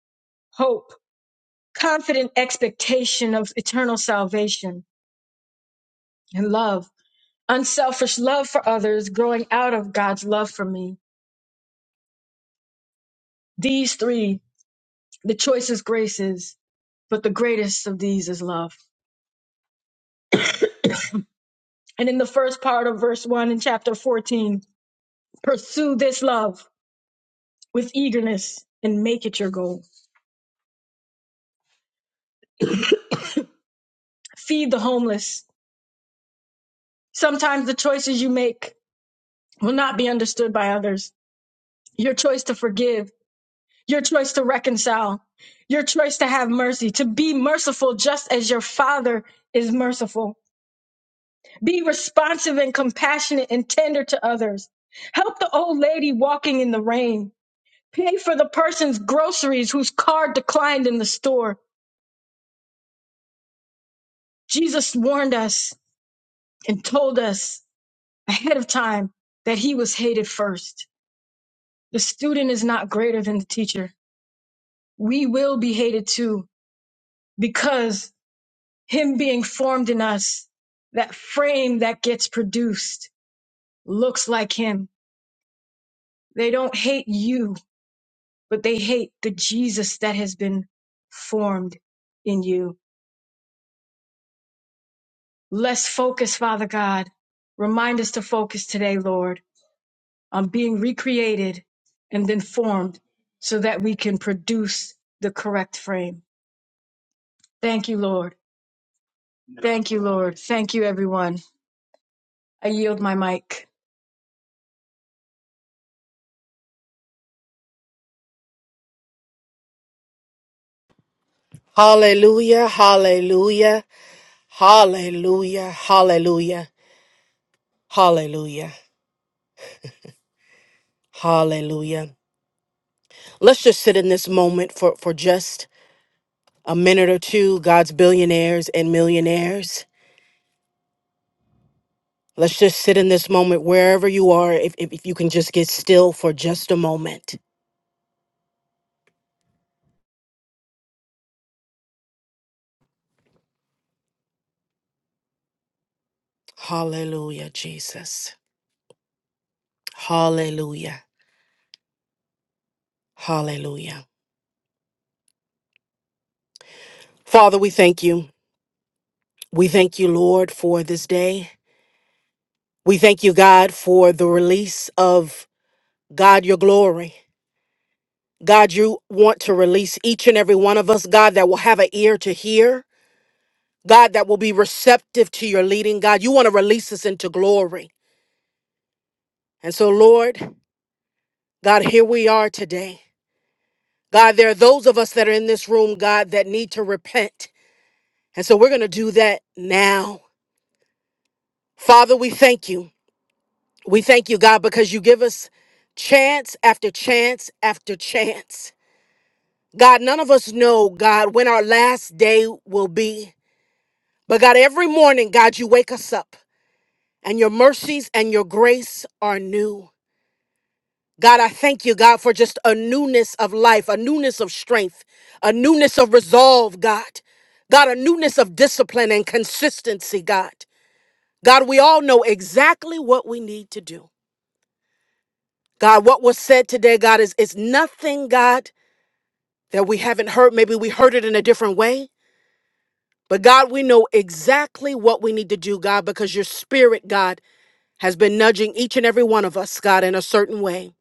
C: hope, confident expectation of eternal salvation, and love, unselfish love for others growing out of God's love for me. These three, the choicest graces, but the greatest of these is love. And in the first part of verse 1 in chapter 14, pursue this love with eagerness and make it your goal. Feed the homeless. Sometimes the choices you make will not be understood by others. Your choice to forgive, your choice to reconcile, your choice to have mercy, to be merciful just as your Father is merciful. Be responsive and compassionate and tender to others. Help the old lady walking in the rain. Pay for the person's groceries whose card declined in the store. Jesus warned us and told us ahead of time that he was hated first. The student is not greater than the teacher. We will be hated too because him being formed in us, that frame that gets produced looks like him. They don't hate you, but they hate the Jesus that has been formed in you. Let's focus, Father God. Remind us to focus today, Lord, on being recreated and then formed so that we can produce the correct frame. Thank you, Lord. Thank you, Lord. Thank you, everyone. I yield my mic.
B: Hallelujah, hallelujah, hallelujah, hallelujah, hallelujah, hallelujah. Let's just sit in this moment for, for just a minute or two, God's billionaires and millionaires. Let's just sit in this moment wherever you are, if, if, if you can just get still for just a moment. Hallelujah, Jesus. Hallelujah. Hallelujah. Father, we thank you. We thank you, Lord, for this day. We thank you, God, for the release of God, your glory. God, you want to release each and every one of us, God, that will have an ear to hear. God, that will be receptive to your leading. God, you want to release us into glory. And so, Lord, God, here we are today. God, there are those of us that are in this room, God, that need to repent. And so we're going to do that now. Father, we thank you. We thank you, God, because you give us chance after chance after chance. God, none of us know, God, when our last day will be. But God, every morning, God, you wake us up and your mercies and your grace are new. God, I thank you, God, for just a newness of life, a newness of strength, a newness of resolve, God. God, a newness of discipline and consistency, God. God, we all know exactly what we need to do. God, what was said today, God, is it's nothing, God, that we haven't heard. Maybe we heard it in a different way. But God, we know exactly what we need to do, God, because your spirit, God, has been nudging each and every one of us, God, in a certain way.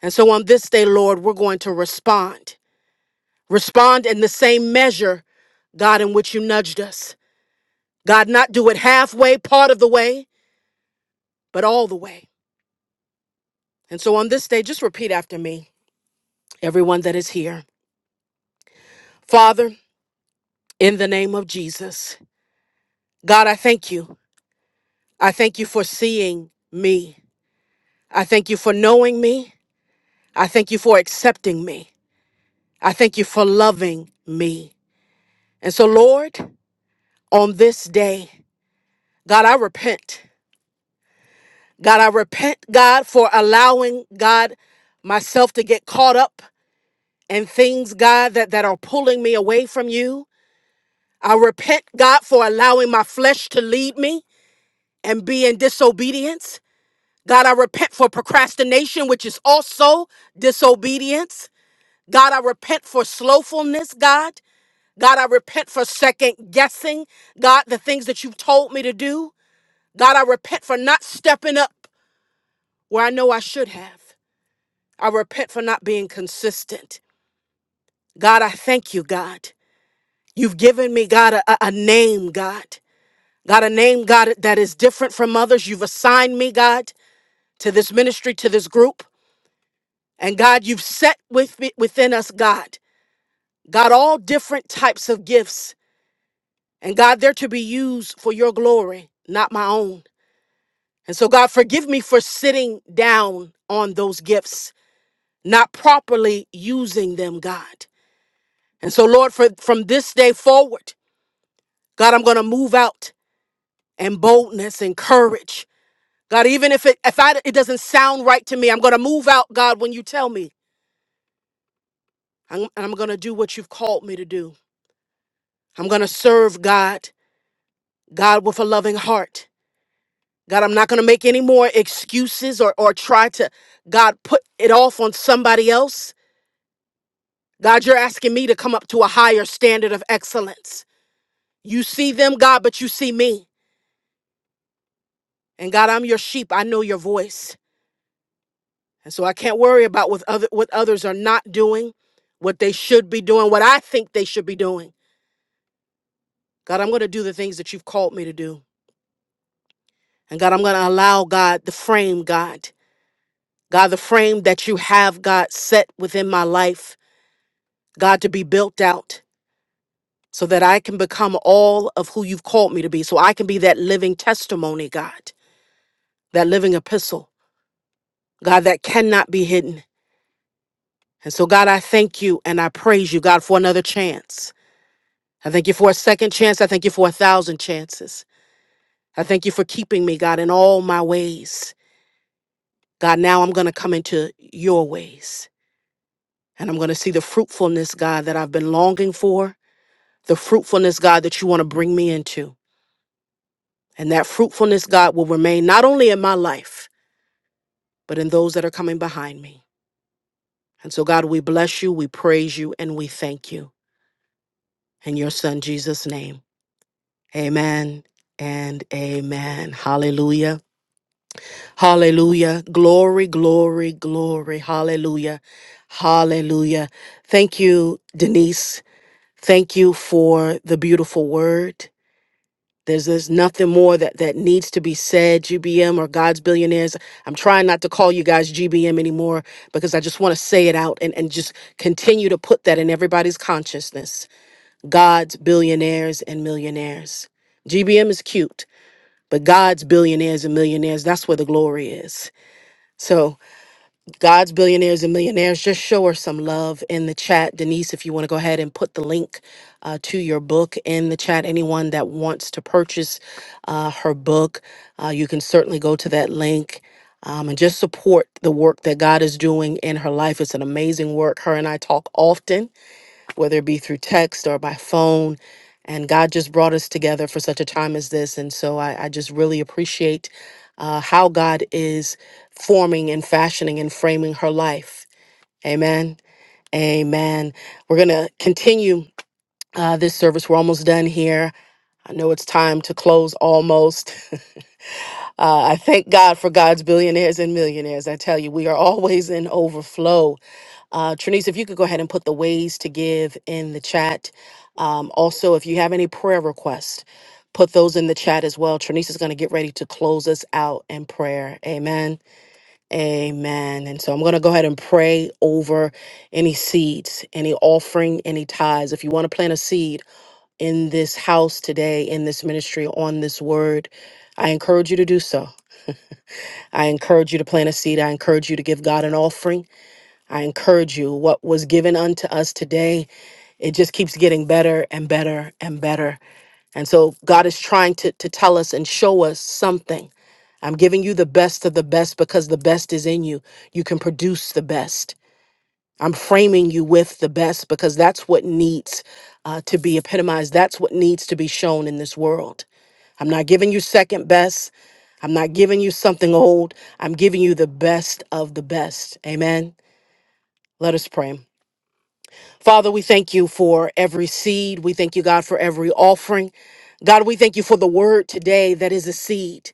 B: And so on this day, Lord, we're going to respond. Respond in the same measure, God, in which you nudged us. God, not do it halfway, part of the way, but all the way. And so on this day, just repeat after me, everyone that is here. Father, in the name of Jesus, God, I thank you. I thank you for seeing me. I thank you for knowing me. I thank you for accepting me. I thank you for loving me. And so, Lord, on this day, God, I repent. God, I repent, God, for allowing God myself to get caught up in things, God, that, that are pulling me away from you. I repent, God, for allowing my flesh to lead me and be in disobedience. God, I repent for procrastination, which is also disobedience. God, I repent for slowfulness, God. God, I repent for second guessing, God, the things that you've told me to do. God, I repent for not stepping up where I know I should have. I repent for not being consistent. God, I thank you, God. You've given me, God, a, a a name, God. God, a name, God, that is different from others. You've assigned me, God, to this ministry, to this group. And God, you've set with me, within us, God, God, all different types of gifts. And God, they're to be used for your glory, not my own. And so, God, forgive me for sitting down on those gifts, not properly using them, God. And so, Lord, for, from this day forward, God, I'm going to move out in boldness and courage. God, even if it if I it doesn't sound right to me, I'm going to move out, God, when you tell me. I'm, and I'm going to do what you've called me to do. I'm going to serve God, God with a loving heart. God, I'm not going to make any more excuses or or try to God put it off on somebody else. God, you're asking me to come up to a higher standard of excellence. You see them, God, but you see me. And God, I'm your sheep. I know your voice. And so I can't worry about what other what others are not doing, what they should be doing, what I think they should be doing. God, I'm going to do the things that you've called me to do. And God, I'm going to allow God the frame, God. God, the frame that you have, God, set within my life, God, to be built out so that I can become all of who you've called me to be. So I can be that living testimony, God, that living epistle, God, that cannot be hidden. And so, God, I thank you and I praise you, God, for another chance. I thank you for a second chance. I thank you for a thousand chances. I thank you for keeping me, God, in all my ways. God, now I'm going to come into your ways and I'm going to see the fruitfulness, God, that I've been longing for, the fruitfulness, God, that you want to bring me into. And that fruitfulness, God, will remain not only in my life, but in those that are coming behind me. And so, God, we bless you, we praise you, and we thank you. In your son, Jesus' name, amen and amen. Hallelujah. Hallelujah. Glory, glory, glory. Hallelujah. Hallelujah. Thank you, Denise. Thank you for the beautiful word. There's, there's nothing more that, that needs to be said, GBM or God's billionaires. I'm trying not to call you guys GBM anymore because I just want to say it out and, and just continue to put that in everybody's consciousness. God's billionaires and millionaires. GBM is cute, but God's billionaires and millionaires, that's where the glory is. So God's billionaires and millionaires, just show her some love in the chat. Denise, if you want to go ahead and put the link uh, to your book in the chat, anyone that wants to purchase uh, her book, uh, you can certainly go to that link um, and just support the work that God is doing in her life. It's an amazing work. Her and I talk often whether it be through text or by phone. And God just brought us together for such a time as this. And so I, I just really appreciate uh, how God is forming and fashioning and framing her life. Amen. Amen. We're going to continue uh, this service. We're almost done here. I know it's time to close almost. Uh, I thank God for God's billionaires and millionaires. I tell you, we are always in overflow. Uh, Trinice, if you could go ahead and put the ways to give in the chat. Um, also, if you have any prayer requests, put those in the chat as well. Trinice is going to get ready to close us out in prayer. Amen. Amen. And so I'm going to go ahead and pray over any seeds, any offering, any tithes. If you want to plant a seed in this house today, in this ministry, on this word, I encourage you to do so. I encourage you to plant a seed. I encourage you to give God an offering. I encourage you, what was given unto us today, it just keeps getting better and better and better. And so God is trying to, to tell us and show us something. I'm giving you the best of the best because the best is in you. You can produce the best. I'm framing you with the best because that's what needs uh, to be epitomized. That's what needs to be shown in this world. I'm not giving you second best. I'm not giving you something old. I'm giving you the best of the best. Amen. Let us pray. Father, we thank you for every seed. We thank you, God, for every offering. God, we thank you for the word today that is a seed.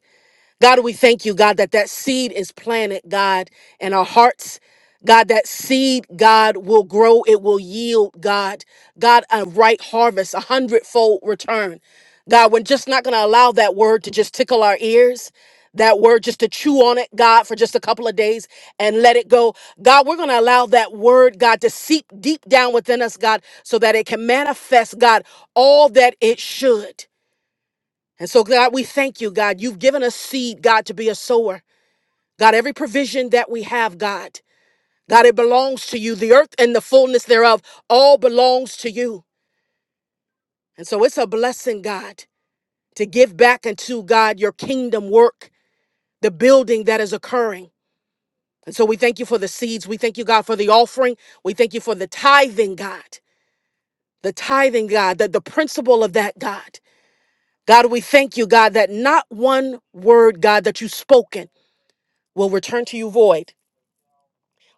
B: God, we thank you, God, that that seed is planted, God, in our hearts. God, that seed, God, will grow. It will yield, God. God, a right harvest, a hundredfold return. God, we're just not going to allow that word to just tickle our ears, that word just to chew on it, God, for just a couple of days and let it go. God, we're going to allow that word, God, to seep deep down within us, God, so that it can manifest, God, all that it should. And so, God, we thank you, God. You've given us seed, God, to be a sower. God, every provision that we have, God, God, it belongs to you. The earth and the fullness thereof all belongs to you. And so it's a blessing, God, to give back unto God your kingdom work, the building that is occurring. And so we thank you for the seeds. We thank you, God, for the offering. We thank you for the tithing, God. The tithing, God, that the principle of that, God. God, we thank you, God, that not one word, God, that you've spoken will return to you void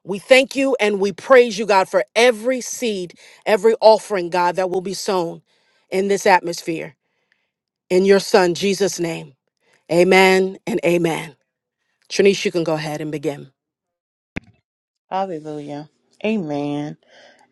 B: We thank you and we praise you, God, for every seed, every offering, God, that will be sown in this atmosphere. In your Son, Jesus' name. Amen and amen. Trinice, you can go ahead and begin.
A: Hallelujah. Amen.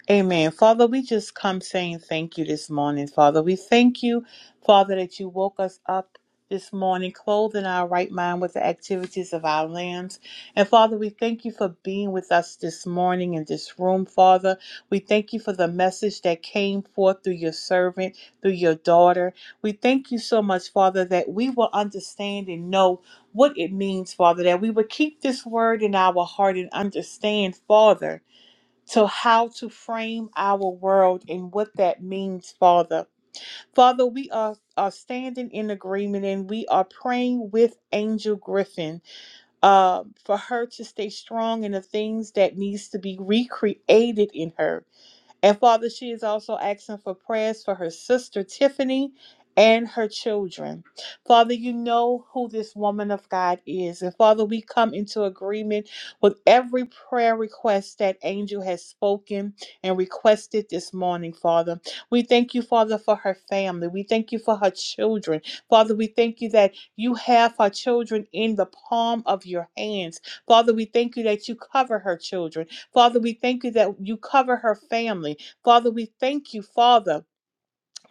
A: Amen. Father, we just come saying thank you this morning, Father. We thank you, Father, that you woke us up this morning, clothed in our right mind with the activities of our limbs. And Father, we thank you for being with us this morning in this room, Father. We thank you for the message that came forth through your servant, through your daughter. We thank you so much, Father, that we will understand and know what it means, Father, that we would keep this word in our heart and understand, Father to how to frame our world and what that means, Father. Father, we are, are standing in agreement and we are praying with Angel Griffin uh, for her to stay strong in the things that needs to be recreated in her. And Father, she is also asking for prayers for her sister Tiffany and her children. Father, you know who this woman of God is. And Father, we come into agreement with every prayer request that Angel has spoken and requested this morning, Father. We thank you, Father, for her family. We thank you for her children. Father, we thank you that you have her children in the palm of your hands. Father, we thank you that you cover her children. Father, we thank you that you cover her family. Father, we thank you, Father,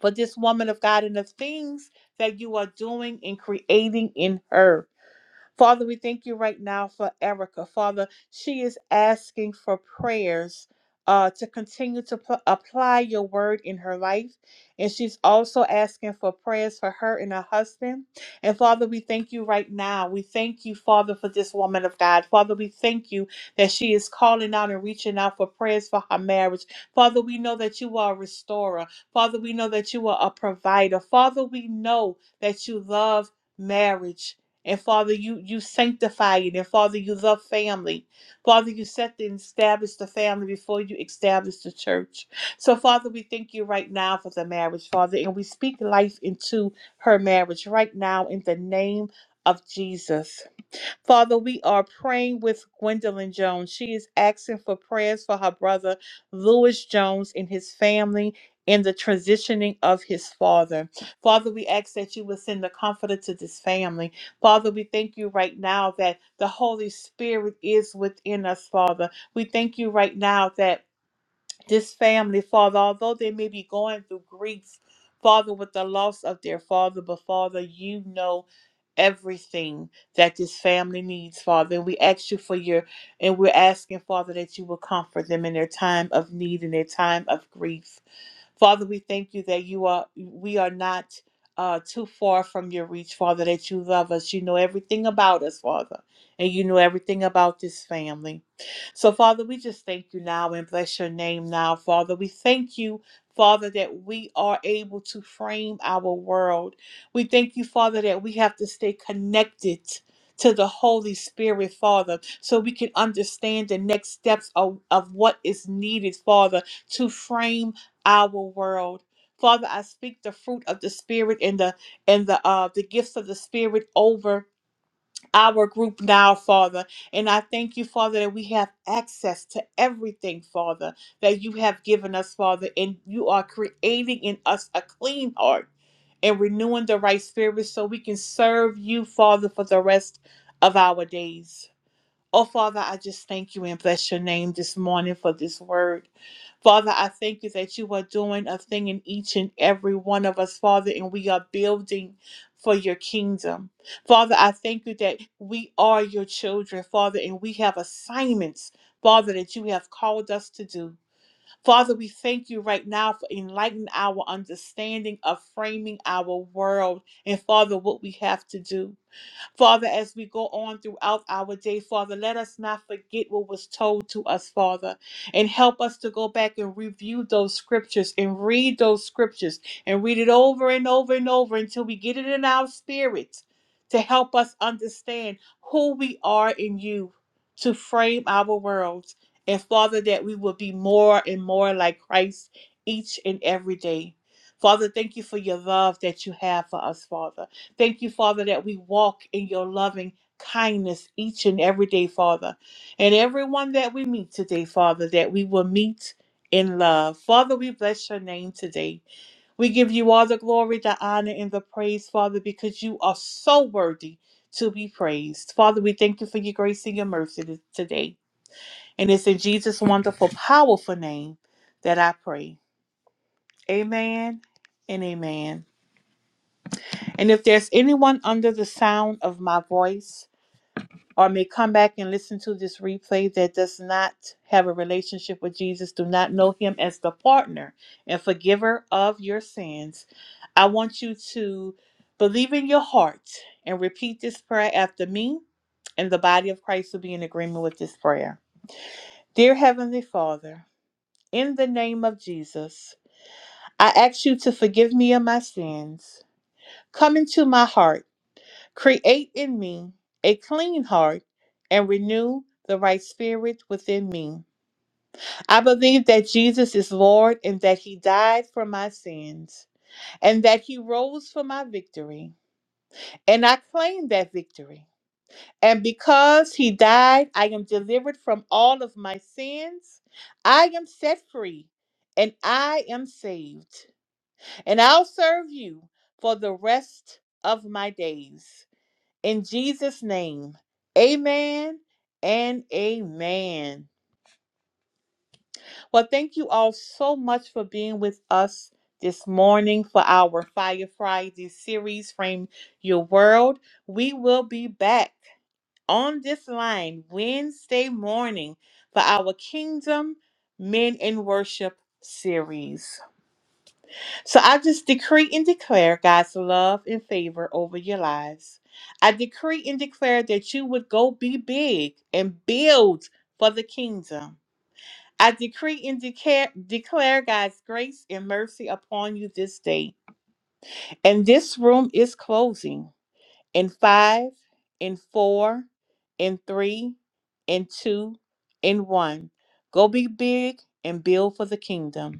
A: for this woman of God and the things that you are doing and creating in her. Father, we thank you right now for Erica. Father, she is asking for prayers uh, to continue to pl- apply your word in her life. And she's also asking for prayers for her and her husband. And Father, we thank you right now. We thank you, Father, for this woman of God. Father, we thank you that she is calling out and reaching out for prayers for her marriage. Father, we know that you are a restorer. Father, we know that you are a provider. Father, we know that you love marriage. And Father, you you sanctify it. And Father, you love family. Father, you set and establish the family before you establish the church. So, Father, we thank you right now for the marriage, Father, and we speak life into her marriage right now in the name of Jesus. Father, we are praying with Gwendolyn Jones. She is asking for prayers for her brother, Lewis Jones, and his family. And the transitioning of his father. Father, we ask that you would send the comforter to this family. Father, we thank you right now that the Holy Spirit is within us, Father. We thank you right now that this family, Father, although they may be going through grief, Father, with the loss of their father, but Father, you know everything that this family needs, Father. And we ask you for your, and we're asking, Father, that you will comfort them in their time of need and their time of grief. Father, we thank you that you are, we are not uh, too far from your reach, Father, that you love us. You know everything about us, Father, and you know everything about this family. So, Father, we just thank you now and bless your name now, Father. We thank you. Father, that we are able to frame our world. We thank you, Father, that we have to stay connected to the Holy Spirit, Father, so we can understand the next steps of, of what is needed, Father, to frame our world. Father, I speak the fruit of the Spirit and the and the uh the gifts of the Spirit over our group now, Father. And I thank you, Father, that we have access to everything, Father, that you have given us, Father. And you are creating in us a clean heart and renewing the right spirit so we can serve you, Father, for the rest of our days. Oh, Father, I just thank you and bless your name this morning for this word. Father, I thank you that you are doing a thing in each and every one of us, Father, and we are building for your kingdom. Father, I thank you that we are your children, Father, and we have assignments, Father, that you have called us to do. Father, we thank you right now for enlightening our understanding of framing our world and, Father, what we have to do. Father, as we go on throughout our day, Father, let us not forget what was told to us, Father, and help us to go back and review those scriptures and read those scriptures and read it over and over and over until we get it in our spirit to help us understand who we are in you, to frame our worlds And Father, that we will be more and more like Christ each and every day. Father, thank you for your love that you have for us, Father. Thank you, Father, that we walk in your loving kindness each and every day, Father. And everyone that we meet today, Father, that we will meet in love. Father, we bless your name today. We give you all the glory, the honor, and the praise, Father, because you are so worthy to be praised. Father, we thank you for your grace and your mercy t- today. And it's in Jesus' wonderful, powerful name that I pray. Amen and amen. And if there's anyone under the sound of my voice, or may come back and listen to this replay that does not have a relationship with Jesus, do not know him as the partner and forgiver of your sins, I want you to believe in your heart and repeat this prayer after me, and the body of Christ will be in agreement with this prayer. Dear Heavenly Father, in the name of Jesus, I ask you to forgive me of my sins. Come into my heart Create in me a clean heart and renew the right spirit within me. I believe that Jesus is Lord and that he died for my sins and that he rose for my victory. And I claim that victory. And because he died, I am delivered from all of my sins. I am set free and I am saved. And I'll serve you for the rest of my days. in Jesus' name. Amen and amen. Well, thank you all so much for being with us this morning for our Fire Friday series, Frame Your World. We will be back on this line Wednesday morning for our Kingdom Men in Worship series. So I just decree and declare God's love and favor over your lives. I decree and declare that you would go be big and build for the kingdom. I decree and declare, declare God's grace and mercy upon you this day. And this room is closing in five, in four, in three, in two, in one. Go be big and build for the kingdom.